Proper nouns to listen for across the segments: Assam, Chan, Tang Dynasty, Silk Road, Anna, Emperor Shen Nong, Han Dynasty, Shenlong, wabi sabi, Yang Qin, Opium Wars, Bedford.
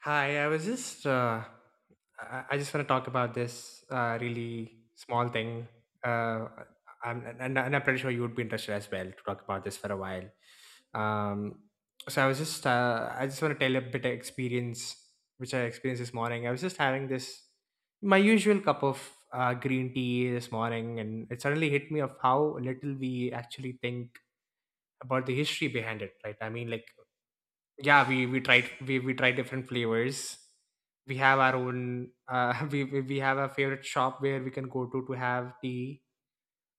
Hi, I just want to talk about this really small thing. Uh, and I'm pretty sure you would be interested as well to talk about this for a while. Um, so I just want to tell a bit of experience which I experienced this morning. I was just having this my usual cup of green tea this morning, and it suddenly hit me of how little we actually think about the history behind it. Right? I mean, like, yeah, we tried different flavors. We have our own we have a favorite shop where we can go to have tea.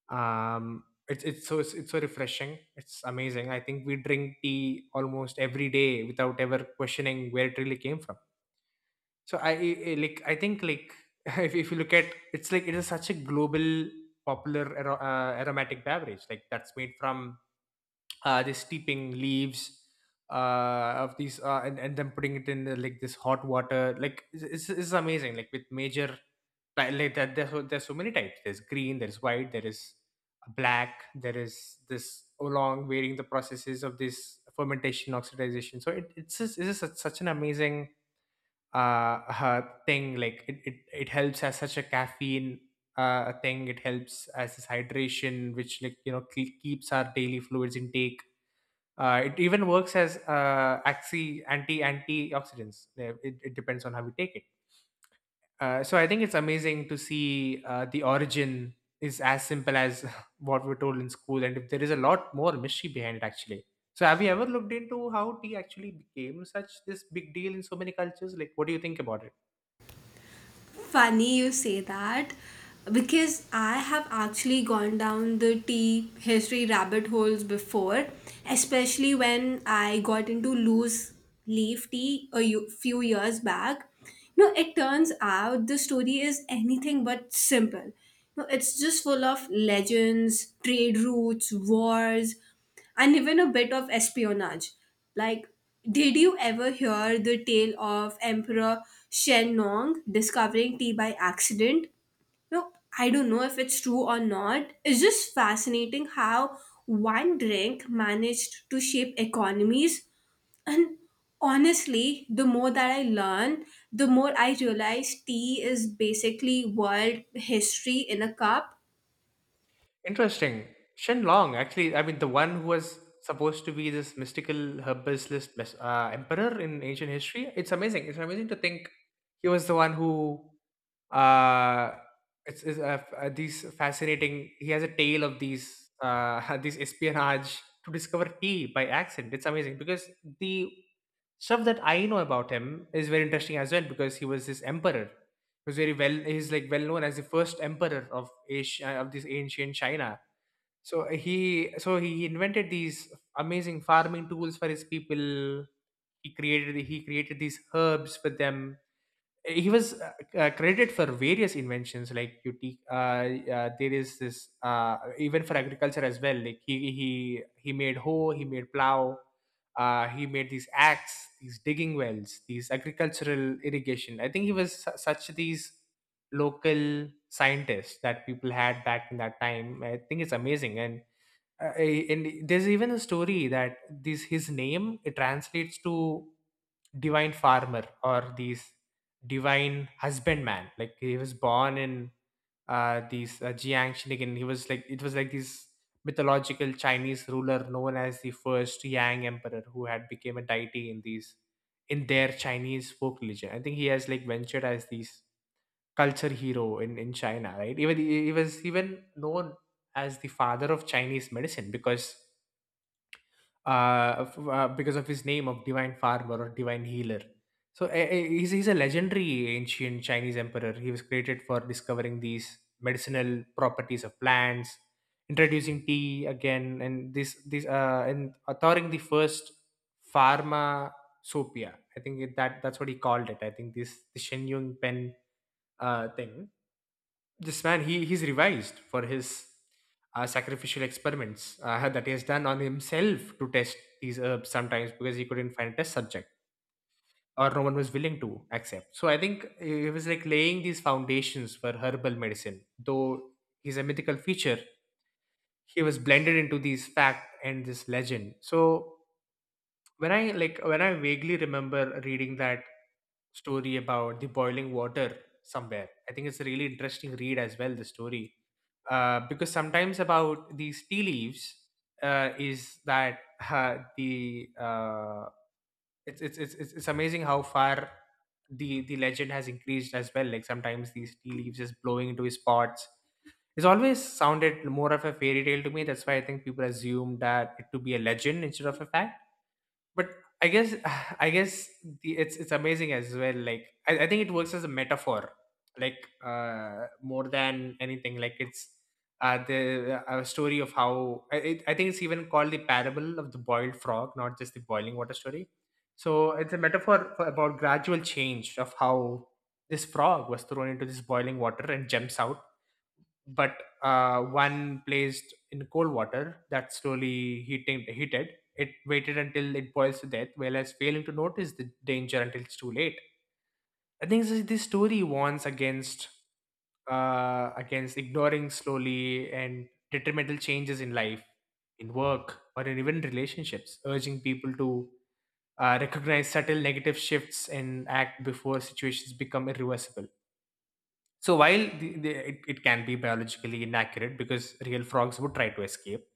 It's so refreshing. It's amazing. I think we drink tea almost every day without ever questioning where it really came from. So, like I think, like, if you look at, it's like it is such a global popular aromatic beverage, like that's made from this steeping leaves of these and then putting it in like this hot water. Like it's amazing, like with major like that there's so many types. There's green, there's white, there is black, there is this, along varying the processes of this fermentation oxidation. So it's just such an amazing uh, thing. Like it helps as such a caffeine thing. It helps as this hydration, which, like, keeps our daily fluids intake. Uh, it even works as axi anti antioxidants. It depends on how we take it. So I think it's amazing to see the origin is as simple as what we're told in school, and if there is a lot more mystery behind it actually. So have you ever looked into how tea actually became such this big deal in so many cultures? Like, what do you think about it? Funny you say that, because I have actually gone down the tea history rabbit holes before, especially when I got into loose leaf tea few years back. You know, it turns out the story is anything but simple. You know, it's just full of legends, trade routes, wars, and even a bit of espionage. Like, did you ever hear the tale of Emperor Shen Nong discovering tea by accident? No, I don't know if it's true or not. It's just fascinating how one drink managed to shape economies. And honestly, the more that I learn, the more I realize tea is basically world history in a cup. Interesting. Shenlong, actually, I mean, the one who was supposed to be this mystical herbalist emperor in ancient history. It's amazing. It's amazing to think he was the one who, uh, it's f- these fascinating. He has a tale of these these espionage to discover tea by accident. It's amazing because the stuff that I know about him is very interesting as well, because he was this emperor. He's like well known as the first emperor of Asia, of this ancient China. So he invented these amazing farming tools for his people. He created these herbs for them. He was credited for various inventions, like, you take, there is this uh, even for agriculture as well. Like he made hoe, he made plow, he made these axe, these digging wells, these agricultural irrigation. I think he was such these local scientists that people had back in that time. I think it's amazing. And and there's even a story that this his name, it translates to divine farmer or these divine husbandman. Like he was born in these Jiangxi, and he was like it was like this mythological Chinese ruler known as the first Yang emperor, who had become a deity in these in their chinese folk religion. I think he has, like, ventured as this culture hero in china right, even he was even known as the father of Chinese medicine, because of his name of divine farmer or divine healer. So he's a legendary ancient Chinese emperor. He was created for discovering these medicinal properties of plants, introducing tea again, and this and authoring the first pharmacopoeia. I think it, that that's what he called it. I think this, the Shenyang Pen thing, this man, he's revised for his sacrificial experiments that he has done on himself to test these herbs, sometimes because he couldn't find a test subject, or no one was willing to accept. So I think he was, like, laying these foundations for herbal medicine. Though he's a mythical feature, he was blended into these fact and this legend. So when I like when I vaguely remember reading that story about the boiling water somewhere, I think it's a really interesting read as well, the story. Because sometimes about these tea leaves is that the it's amazing how far the legend has increased as well, like sometimes these tea leaves just blowing into his pots. It's always sounded more of a fairy tale to me. That's why I think people assume that it to be a legend instead of a fact. But I guess I guess the, it's amazing as well. Like I think it works as a metaphor, like more than anything. Like it's the a story of how I- it, I think it's even called the parable of the boiled frog, not just the boiling water story. So it's a metaphor for, about gradual change of how this frog was thrown into this boiling water and jumps out. But one placed in cold water that slowly heating heated, it waited until it boils to death, whereas failing to notice the danger until it's too late. I think this story warns against against ignoring slowly and detrimental changes in life, in work, or in even relationships, urging people to recognize subtle negative shifts and act before situations become irreversible. So while it can be biologically inaccurate because real frogs would try to escape,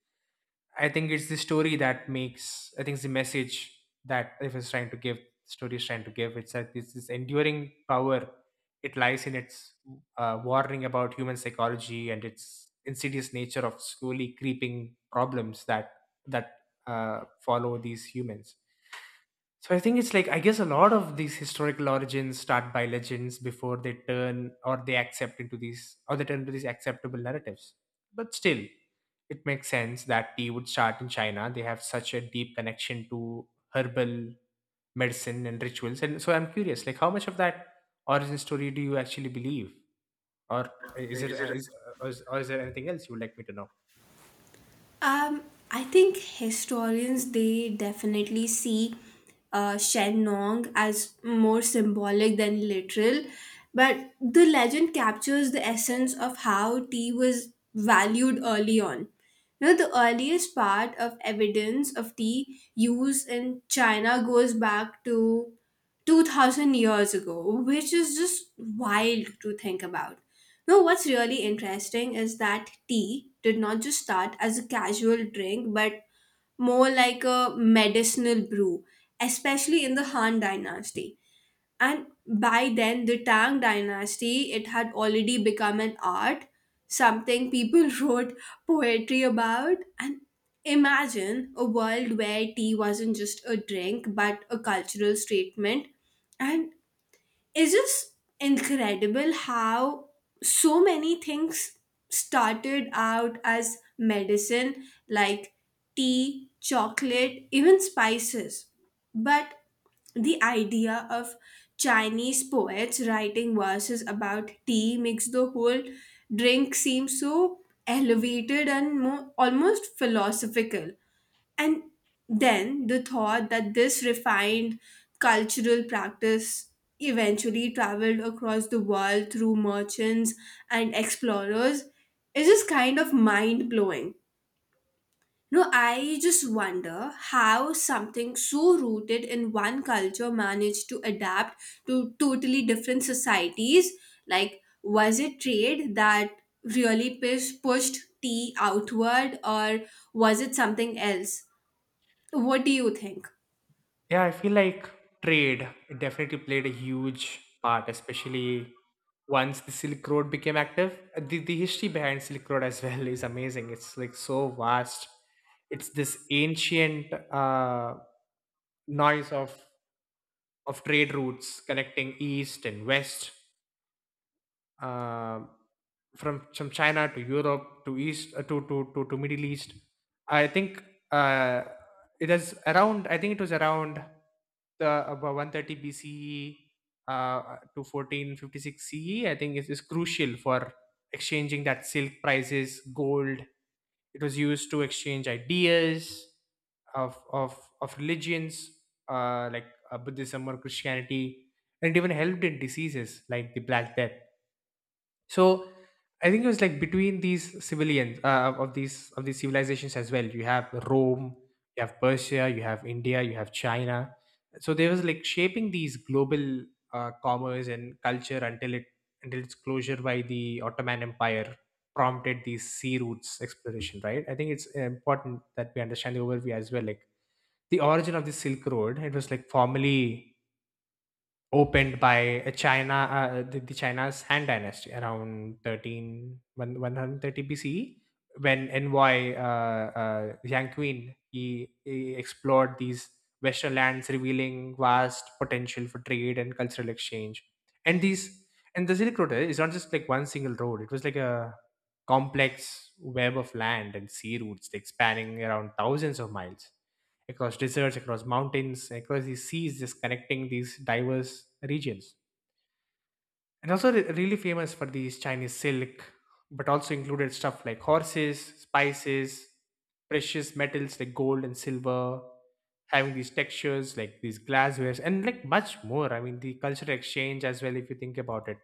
I think it's the story that makes. I think it's the message that if it's trying to give, story is trying to give. It's that this is enduring power. It lies in its warning about human psychology and its insidious nature of slowly creeping problems that that follow these humans. So I think it's, like, I guess a lot of these historical origins start by legends before they turn or they accept into these or they turn into these acceptable narratives. But still, it makes sense that tea would start in China. They have such a deep connection to herbal medicine and rituals. And so I'm curious, like, how much of that origin story do you actually believe, or is it Is it? is or is, or is there anything else you would like me to know? Um, I think historians they definitely see Shen Nong as more symbolic than literal, but the legend captures the essence of how tea was valued early on. You know, the earliest part of evidence of tea use in China goes back to 2000 years ago, which is just wild to think about. Now, what's really interesting is that tea did not just start as a casual drink, but more like a medicinal brew, especially in the Han Dynasty. And by then, the Tang Dynasty, it had already become an art, something people wrote poetry about. And imagine a world where tea wasn't just a drink, but a cultural statement. And it's just incredible how so many things started out as medicine, like tea, chocolate, even spices. But the idea of Chinese poets writing verses about tea makes the whole drink seem so elevated and more, almost philosophical. And then the thought that this refined cultural practice eventually traveled across the world through merchants and explorers is just kind of mind blowing. You know, I just wonder how something so rooted in one culture managed to adapt to totally different societies. Like, was it trade that really pushed tea outward, or was it something else? What do you think? Yeah, I feel like trade, it definitely played a huge part, especially once the Silk Road became active. The history behind Silk Road as well is amazing. It's, like, so vast. It's this ancient noise of trade routes connecting east and west, uh, from China to Europe to East to Middle East. I think uh, it was around the about 130 BCE to 1456 CE. I think it is crucial for exchanging that silk prices, gold. It was used to exchange ideas of religions, like Buddhism or Christianity, and it even helped in diseases like the Black Death. So I think it was, like, between these civilians, of these civilizations as well. You have Rome, you have Persia, you have India, you have China. So there was, like, shaping these global commerce and culture, until it until its closure by the Ottoman Empire prompted these sea routes exploration. Right, I think it's important that we understand the overview as well, like the origin of the Silk Road. It was, like, formally opened by a China, the China's Han Dynasty around thirteen one 130 BCE, when envoy Yang Qin, he explored these Western lands, revealing vast potential for trade and cultural exchange. And these and the Silk Road is not just, like, one single road; it was, like, a complex web of land and sea routes, like spanning around thousands of miles across deserts, across mountains, across these seas, just connecting these diverse regions. And also, really famous for these Chinese silk, but also included stuff like horses, spices, precious metals like gold and silver, having these textures like these glasswares, and, like, much more. I mean, the cultural exchange as well, if you think about it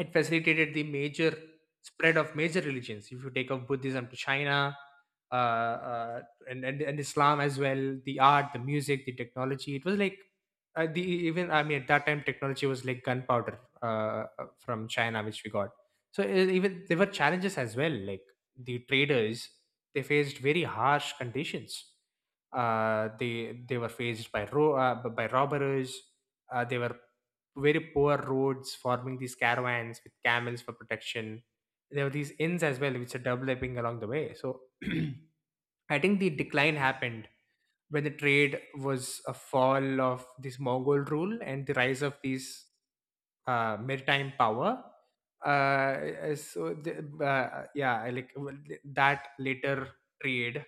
it facilitated the major spread of major religions. If you take up Buddhism to China, uh, uh, and Islam as well, the art, the music, the technology. It was, like, the even, I mean, at that time technology was, like, gunpowder from China, which we got. So even there were challenges as well. Like the traders, they faced very harsh conditions. They were faced by by robbers. They were very poor roads, forming these caravans with camels for protection. There were these inns as well, which are developing along the way. So I think the decline happened when the trade was a fall of this Mongol rule and the rise of these maritime power. Yeah, like that later trade,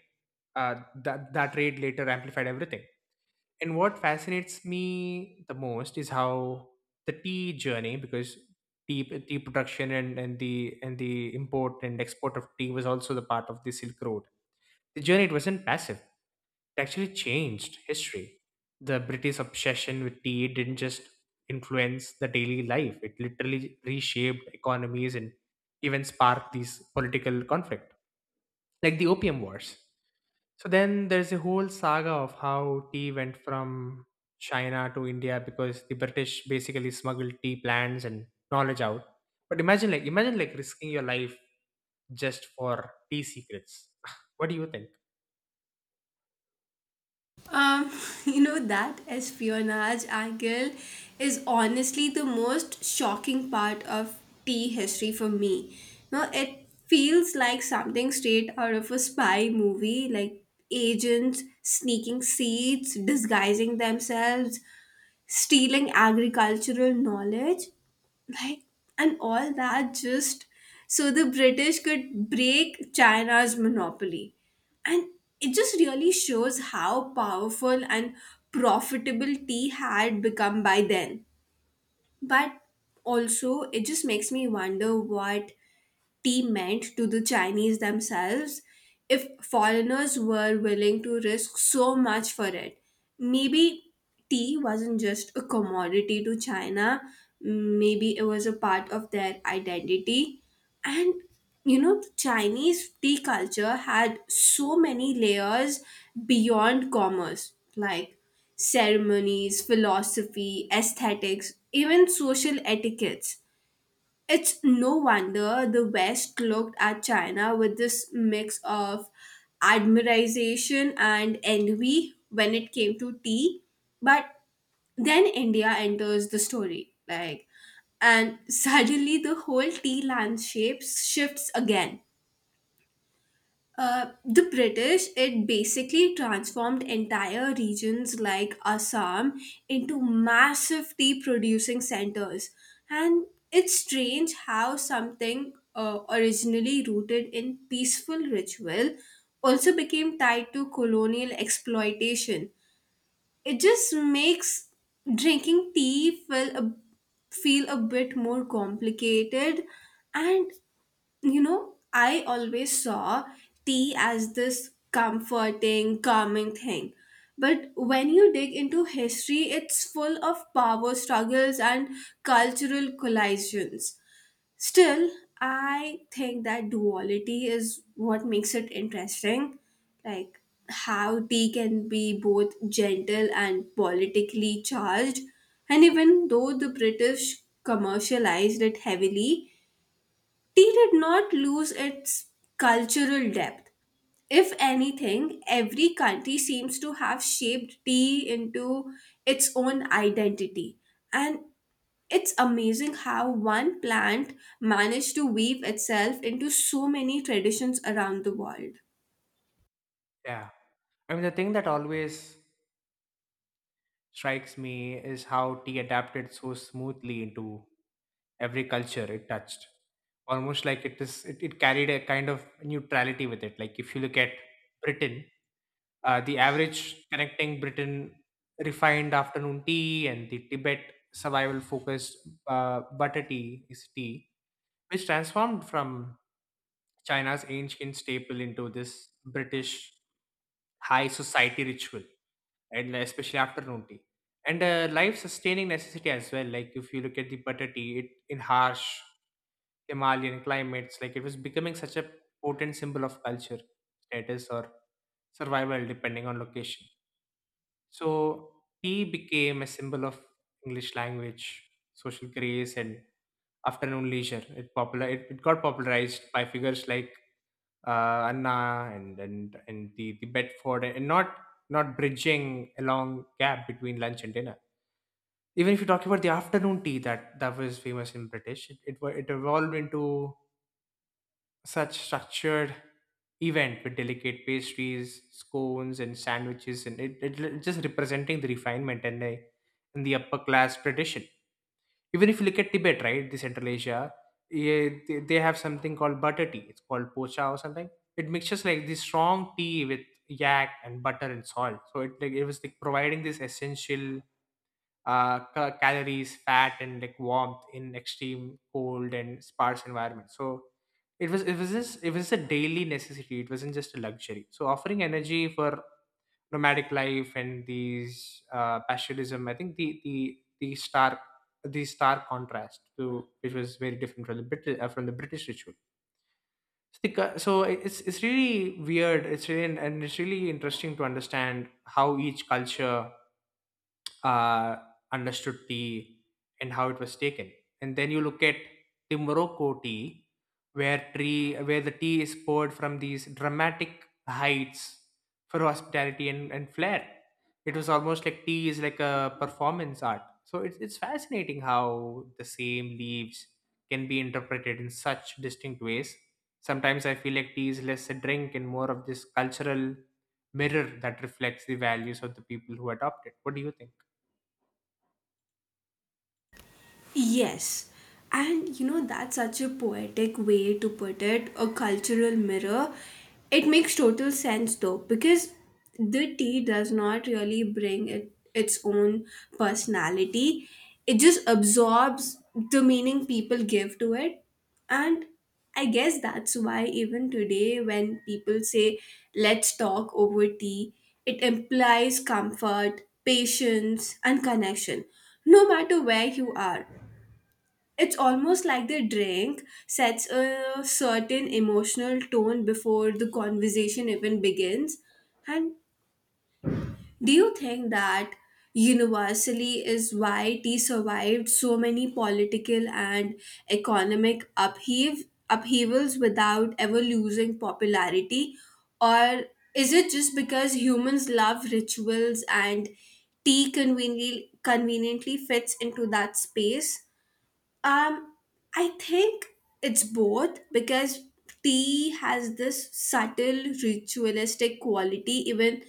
that trade later amplified everything, and what fascinates me the most is how the tea journey, because tea tea production and the import and export of tea was also the part of the Silk Road. The journey, it wasn't passive. It actually changed history. The British obsession with tea didn't just influence the daily life; it literally reshaped economies and even sparked these political conflict, like the Opium Wars. So then there's a whole saga of how tea went from China to India because the British basically smuggled tea plants and knowledge out. But imagine like risking your life just for tea secrets. What do you think? Um, you know, that espionage angle is honestly the most shocking part of tea history for me. Now, it feels like something straight out of a spy movie, like agents sneaking seats, disguising themselves, stealing agricultural knowledge, like, and all that just so the British could break China's monopoly. And it just really shows how powerful and profitable tea had become by then. But also, it just makes me wonder what tea meant to the Chinese themselves if foreigners were willing to risk so much for it. Maybe tea wasn't just a commodity to China, maybe it was a part of their identity. And you know, the Chinese tea culture had so many layers beyond commerce, like ceremonies, philosophy, aesthetics, even social etiquettes. It's no wonder the West looked at China with this mix of admiration and envy when it came to tea. But then India enters the story, like, and suddenly the whole tea landscape shifts again. The British, it basically transformed entire regions like Assam into massive tea producing centers. And it's strange how something originally rooted in peaceful ritual also became tied to colonial exploitation. It just makes drinking tea feel a bit more complicated. And you know, I always saw tea as this comforting, calming thing. But when you dig into history, it's full of power struggles and cultural collisions. Still, I think that duality is what makes it interesting. Like how tea can be both gentle and politically charged. And even though the British commercialized it heavily, tea did not lose its cultural depth. If anything, every country seems to have shaped tea into its own identity. And it's amazing how one plant managed to weave itself into so many traditions around the world. Yeah. I mean, the thing that always strikes me is how tea adapted so smoothly into every culture it touched. Almost like it carried a kind of neutrality with it. Like if you look at Britain, the average connecting Britain refined afternoon tea and the Tibet survival focused butter tea is tea, which transformed from China's ancient staple into this British high society ritual, and especially afternoon tea. And a life sustaining necessity as well. Like if you look at the butter tea, it in harsh Himalayan climates, like it was becoming such a potent symbol of culture, status, or survival depending on location. So tea became a symbol of English language, social grace, and afternoon leisure. It it got popularized by figures like Anna and the Bedford, and not bridging a long gap between lunch and dinner. Even if you talk about the afternoon tea that was famous in British, it evolved into such structured event with delicate pastries, scones, and sandwiches, and just representing the refinement and the upper class tradition. Even if you look at Tibet, right, the Central Asia, yeah, they have something called butter tea. It's called pocha or something. It mixes like this strong tea with yak and butter and salt. So it like it was like providing this essential calories, fat, and like warmth in extreme cold and sparse environment. So it was a daily necessity. It wasn't just a luxury. So offering energy for nomadic life and these pastoralism, I think the stark, the stark contrast to which was very different from the British ritual. So it's really weird. It's really and it's really interesting to understand how each culture uh, understood tea and how it was taken. And then you look at the Morocco tea, where tree where the tea is poured from these dramatic heights for hospitality and flair. It was almost like tea is like a performance art. So it's fascinating how the same leaves can be interpreted in such distinct ways. Sometimes I feel like tea is less a drink and more of this cultural mirror that reflects the values of the people who adopt it. What do you think? Yes. And you know, that's such a poetic way to put it, a cultural mirror. It makes total sense though, because the tea does not really its own personality, it just absorbs the meaning people give to it. And I guess that's why, even today, when people say, let's talk over tea, it implies comfort, patience, and connection, no matter where you are. It's almost like the drink sets a certain emotional tone before the conversation even begins. And do you think that universally is why tea survived so many political and economic upheavals without ever losing popularity? Or is it just because humans love rituals and tea conveniently fits into that space? Um, I think it's both because tea has this subtle ritualistic quality even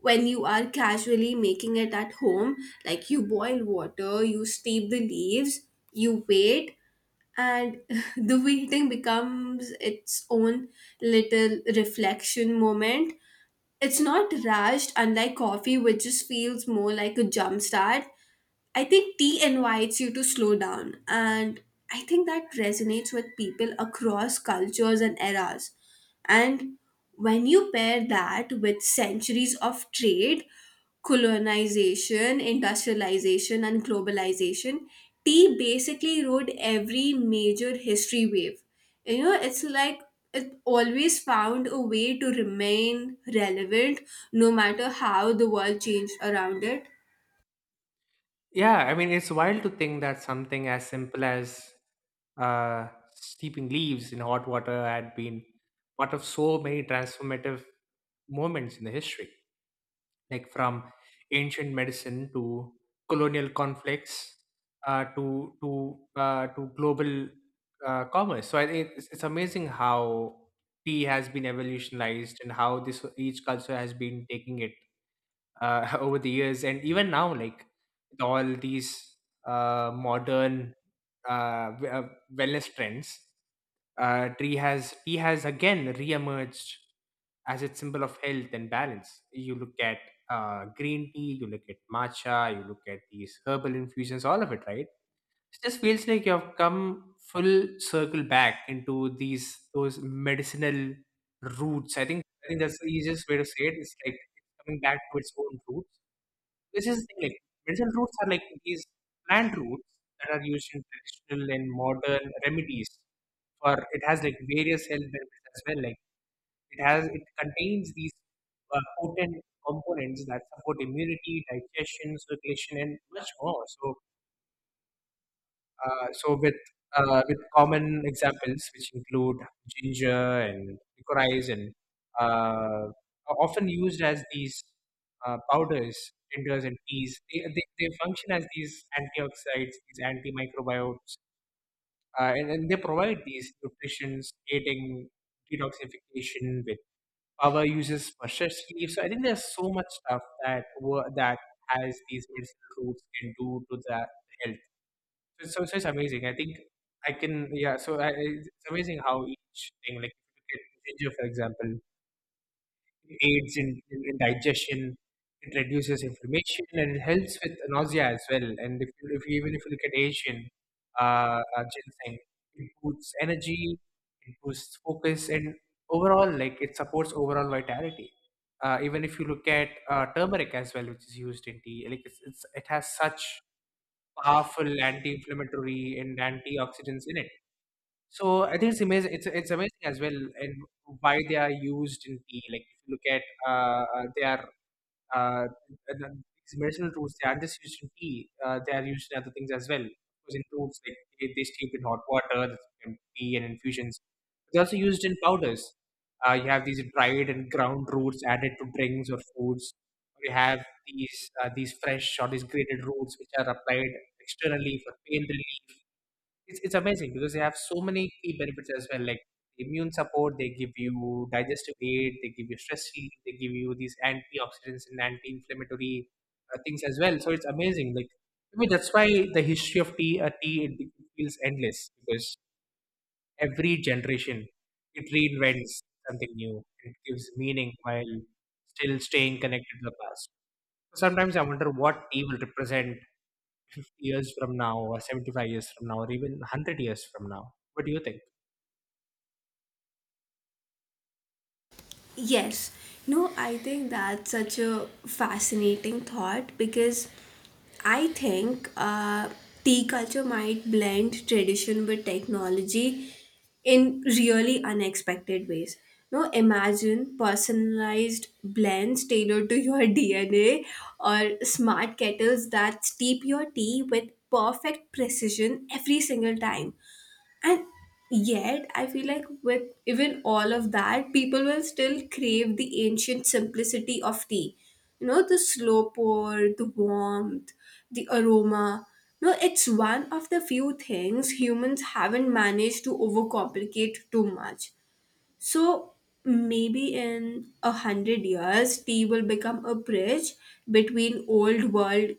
when you are casually making it at home. Like you boil water, you steep the leaves, you wait, and the waiting becomes its own little reflection moment. It's not rushed, unlike coffee, which just feels more like a jump start. I think tea invites you to slow down, and I think that resonates with people across cultures and eras. And when you pair that with centuries of trade, colonization, industrialization, and globalization, tea basically rode every major history wave. You know, it's like it always found a way to remain relevant no matter how the world changed around it. Yeah, I mean, it's wild to think that something as simple as uh, steeping leaves in hot water had been part of so many transformative moments in the history, like from ancient medicine to colonial conflicts, to global commerce. So I think it's amazing how tea has been evolutionized and how this each culture has been taking it over the years, and even now, like with all these modern uh, w- uh, wellness trends, tree has tea has again reemerged as its symbol of health and balance. You look at green tea, you look at matcha, you look at these herbal infusions, all of it, right? It just feels like you have come full circle back into these those medicinal roots. I think that's the easiest way to say it. It's like coming back to its own roots. This is the thing, like medicinal roots are like these plant roots that are used in traditional and modern remedies. For it has like various health benefits as well. Like it contains these potent components that support immunity, digestion, circulation, and much more. So uh, so with with common examples which include ginger and licorice, and uh, are often used as these powders, tinders, and teas. They function as these antioxidants, these antimicrobiotes, and they provide these nutritions, aiding detoxification with power uses for stress relief. So I think there's so much stuff that that has these medicinal roots can do to the health. So it's amazing. I think I can yeah. So it's amazing how each thing, like if you look at ginger, for example, it aids in digestion. It reduces inflammation and it helps with nausea as well. And if you even if you look at Asian ginseng, it boosts energy, it boosts focus, and overall, like it supports overall vitality. Even if you look at turmeric as well, which is used in tea, like it's it has such powerful anti-inflammatory and antioxidants in it. So I think it's amazing. It's amazing as well, and why they are used in tea. Like if you look at, they are uh, and then these medicinal roots, they aren't just used in tea, they are used in other things as well. Of course, in roots, like they steam in hot water, that's in tea and infusions. They're also used in powders. You have these dried and ground roots added to drinks or foods. You have these fresh or these grated roots which are applied externally for pain relief. It's amazing because they have so many key benefits as well, like immune support, they give you digestive aid, they give you stress relief, they give you these antioxidants and anti-inflammatory things as well. So it's amazing, like I mean, that's why the history of tea, it feels endless because every generation it reinvents something new. It gives meaning while still staying connected to the past. Sometimes I wonder what tea will represent 50 years from now, or 75 years from now, or even 100 years from now. What do you think? Yes. No, I think that's such a fascinating thought because I think tea culture might blend tradition with technology in really unexpected ways. No, imagine personalized blends tailored to your DNA or smart kettles that steep your tea with perfect precision every single time. And yet, I feel like with even all of that, people will still crave the ancient simplicity of tea. You know, the slow pour, the warmth, the aroma. No, it's one of the few things humans haven't managed to overcomplicate too much. So maybe in a hundred years, tea will become a bridge between old world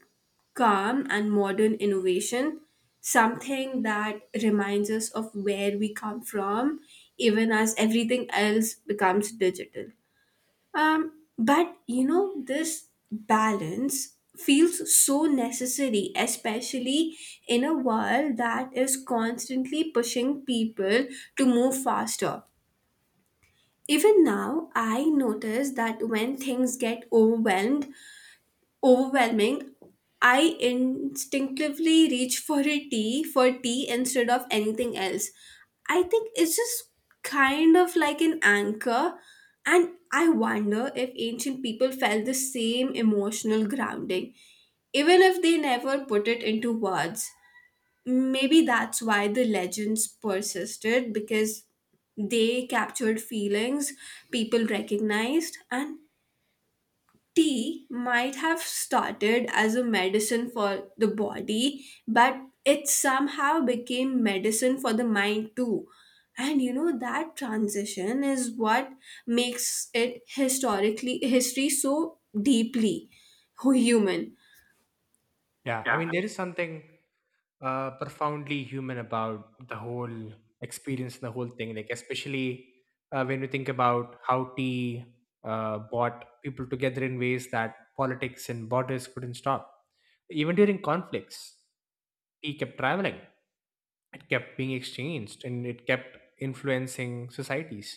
calm and modern innovation, something that reminds us of where we come from, even as everything else becomes digital. But you know, this balance feels so necessary, especially in a world that is constantly pushing people to move faster. Even now, I notice that when things overwhelming, I instinctively reach for a tea instead of anything else. I think it's just kind of like an anchor, and I wonder if ancient people felt the same emotional grounding, even if they never put it into words. Maybe that's why the legends persisted because they captured feelings people recognized, and tea might have started as a medicine for the body, but it somehow became medicine for the mind too. And you know that transition is what makes it historically history so deeply human. Yeah, I Yeah. mean, there is something profoundly human about the whole experience and the whole thing. Like, especially when you think about how tea brought people together in ways that politics and borders couldn't stop. Even during conflicts, tea kept traveling. It kept being exchanged and it kept influencing societies.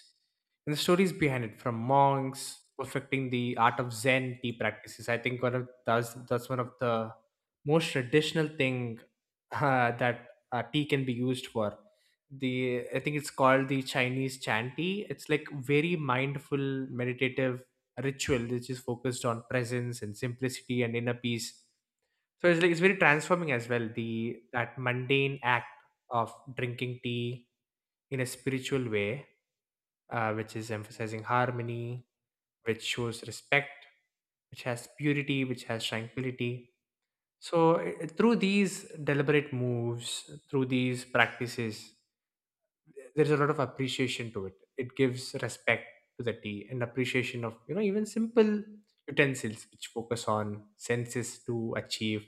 And the stories behind it, from monks perfecting the art of Zen tea practices, I think one of that's one of the most traditional thing that tea can be used for. The I think it's called the Chinese Chan tea. It's like very mindful meditative ritual which is focused on presence and simplicity and inner peace. So it's like it's very transforming as well. The that mundane act of drinking tea in a spiritual way, which is emphasizing harmony, which shows respect, which has purity, which has tranquility. So through these deliberate moves, through these practices, there's a lot of appreciation to it. It gives respect to the tea and appreciation of, you know, even simple utensils which focus on senses to achieve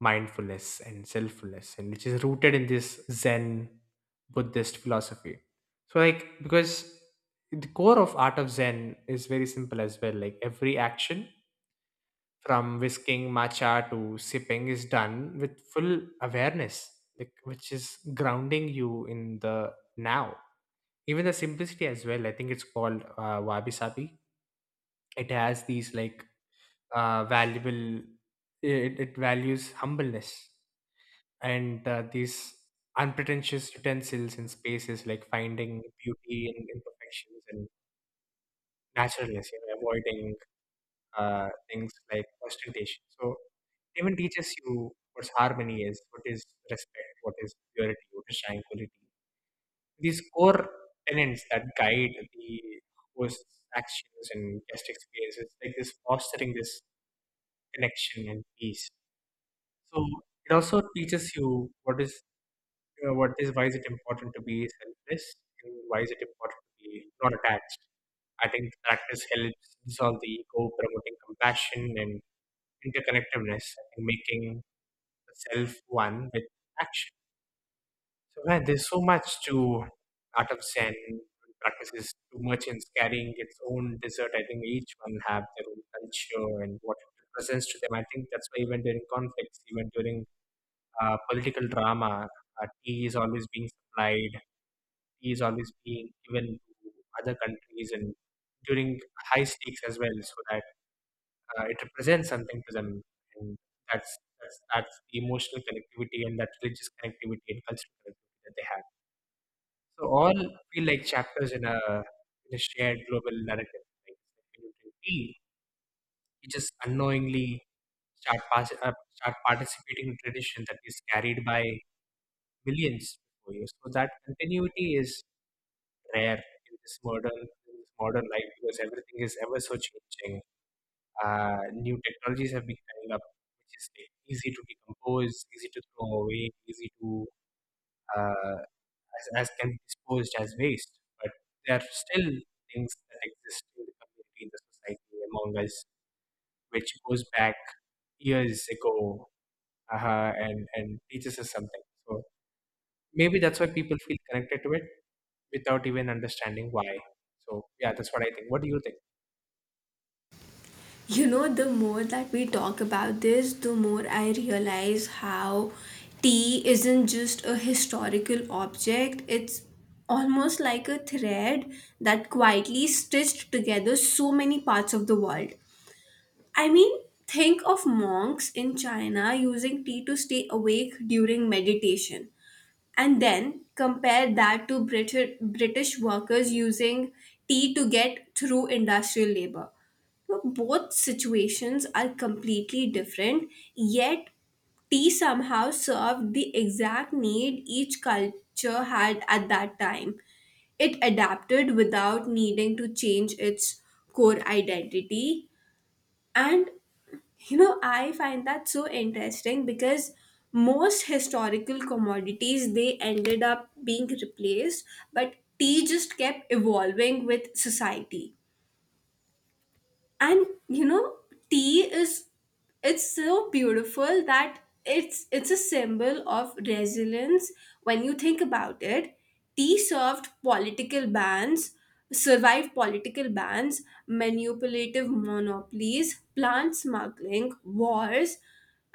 mindfulness and selffulness, and which is rooted in this Zen Buddhist philosophy. So like because the core of art of Zen is very simple as well, like every action from whisking matcha to sipping is done with full awareness, like which is grounding you in the now. Even the simplicity as well, I think it's called wabi sabi. It has these like valuable it, it values humbleness and these unpretentious utensils in spaces, like finding beauty in imperfections and naturalness, you know, avoiding things like ostentation. So even teaches you what harmony is, what is respect, what is purity, what is tranquility. These core tenets that guide the host's actions and guest experiences, like this fostering this connection and peace. So it also teaches you what is why is it important to be selfless and why is it important to be not attached. I think the practice helps dissolve the ego, promoting compassion and interconnectedness, and making the self one with action. So man, there's so much to art of Zen practices. Too much in carrying its own dessert. I think each one have their own culture and what it represents to them. I think that's why even during conflicts, even during political drama, tea is always being supplied, tea is always being given to other countries and during high stakes as well, so that it represents something to them, and that's that's the emotional connectivity and that religious connectivity and cultural connectivity that they have. So all feel like chapters in a shared global narrative. Like when you drink tea, you just unknowingly start participating in tradition that is carried by millions before you. So that continuity is rare in this modern life because everything is ever so changing. New technologies have been coming up, which is like easy to decompose, easy to throw away, easy to uh, as can be disposed as waste. But there are still things that exist in the community, in the society, among us, which goes back years ago, and teaches us something. So maybe that's why people feel connected to it without even understanding why. So yeah, that's what I think. What do you think? You know, the more that we talk about this, the more I realize how tea isn't just a historical object, it's almost like a thread that quietly stitched together so many parts of the world. I mean, think of monks in China using tea to stay awake during meditation and then compare that to British workers using tea to get through industrial labor. So both situations are completely different, yet tea somehow served the exact need each culture had at that time. It adapted without needing to change its core identity, and you know, I find that so interesting because most historical commodities they ended up being replaced, but tea just kept evolving with society. And you know, tea is, it's so beautiful that it's a symbol of resilience. When you think about it, tea served political bans survived political bans, manipulative monopolies, plant smuggling wars,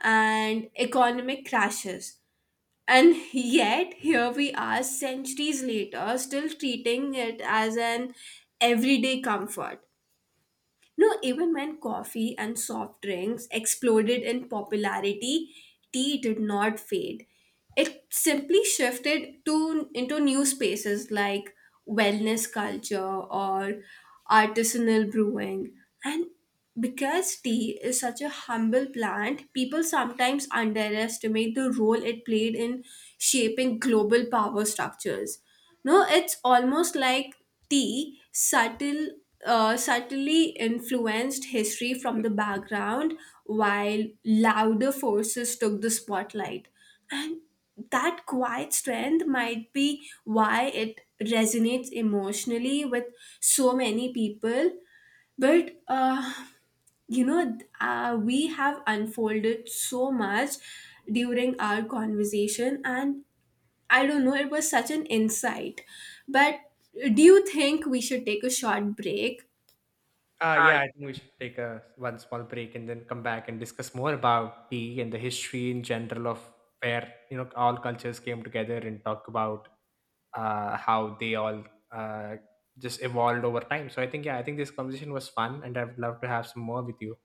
and economic crashes, and yet here we are centuries later still treating it as an everyday comfort. No, even when coffee and soft drinks exploded in popularity, tea did not fade. It simply shifted to into new spaces like wellness culture or artisanal brewing. And because tea is such a humble plant, people sometimes underestimate the role it played in shaping global power structures. No, it's almost like tea subtly influenced history from the background while louder forces took the spotlight. And that quiet strength might be why it resonates emotionally with so many people. But you know, we have unfolded so much during our conversation and I don't know, it was such an insight. But do you think we should take a short break? Uh, Yeah, I think we should take a one small break and then come back and discuss more about tea and the history in general of where you know all cultures came together and talk about how they all uh, just evolved over time. So I think yeah, I think this conversation was fun, and I would love to have some more with you.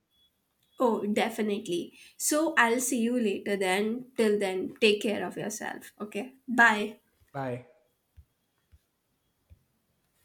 Oh, definitely. So I'll see you later then. Till then, take care of yourself. Okay. Bye. Bye.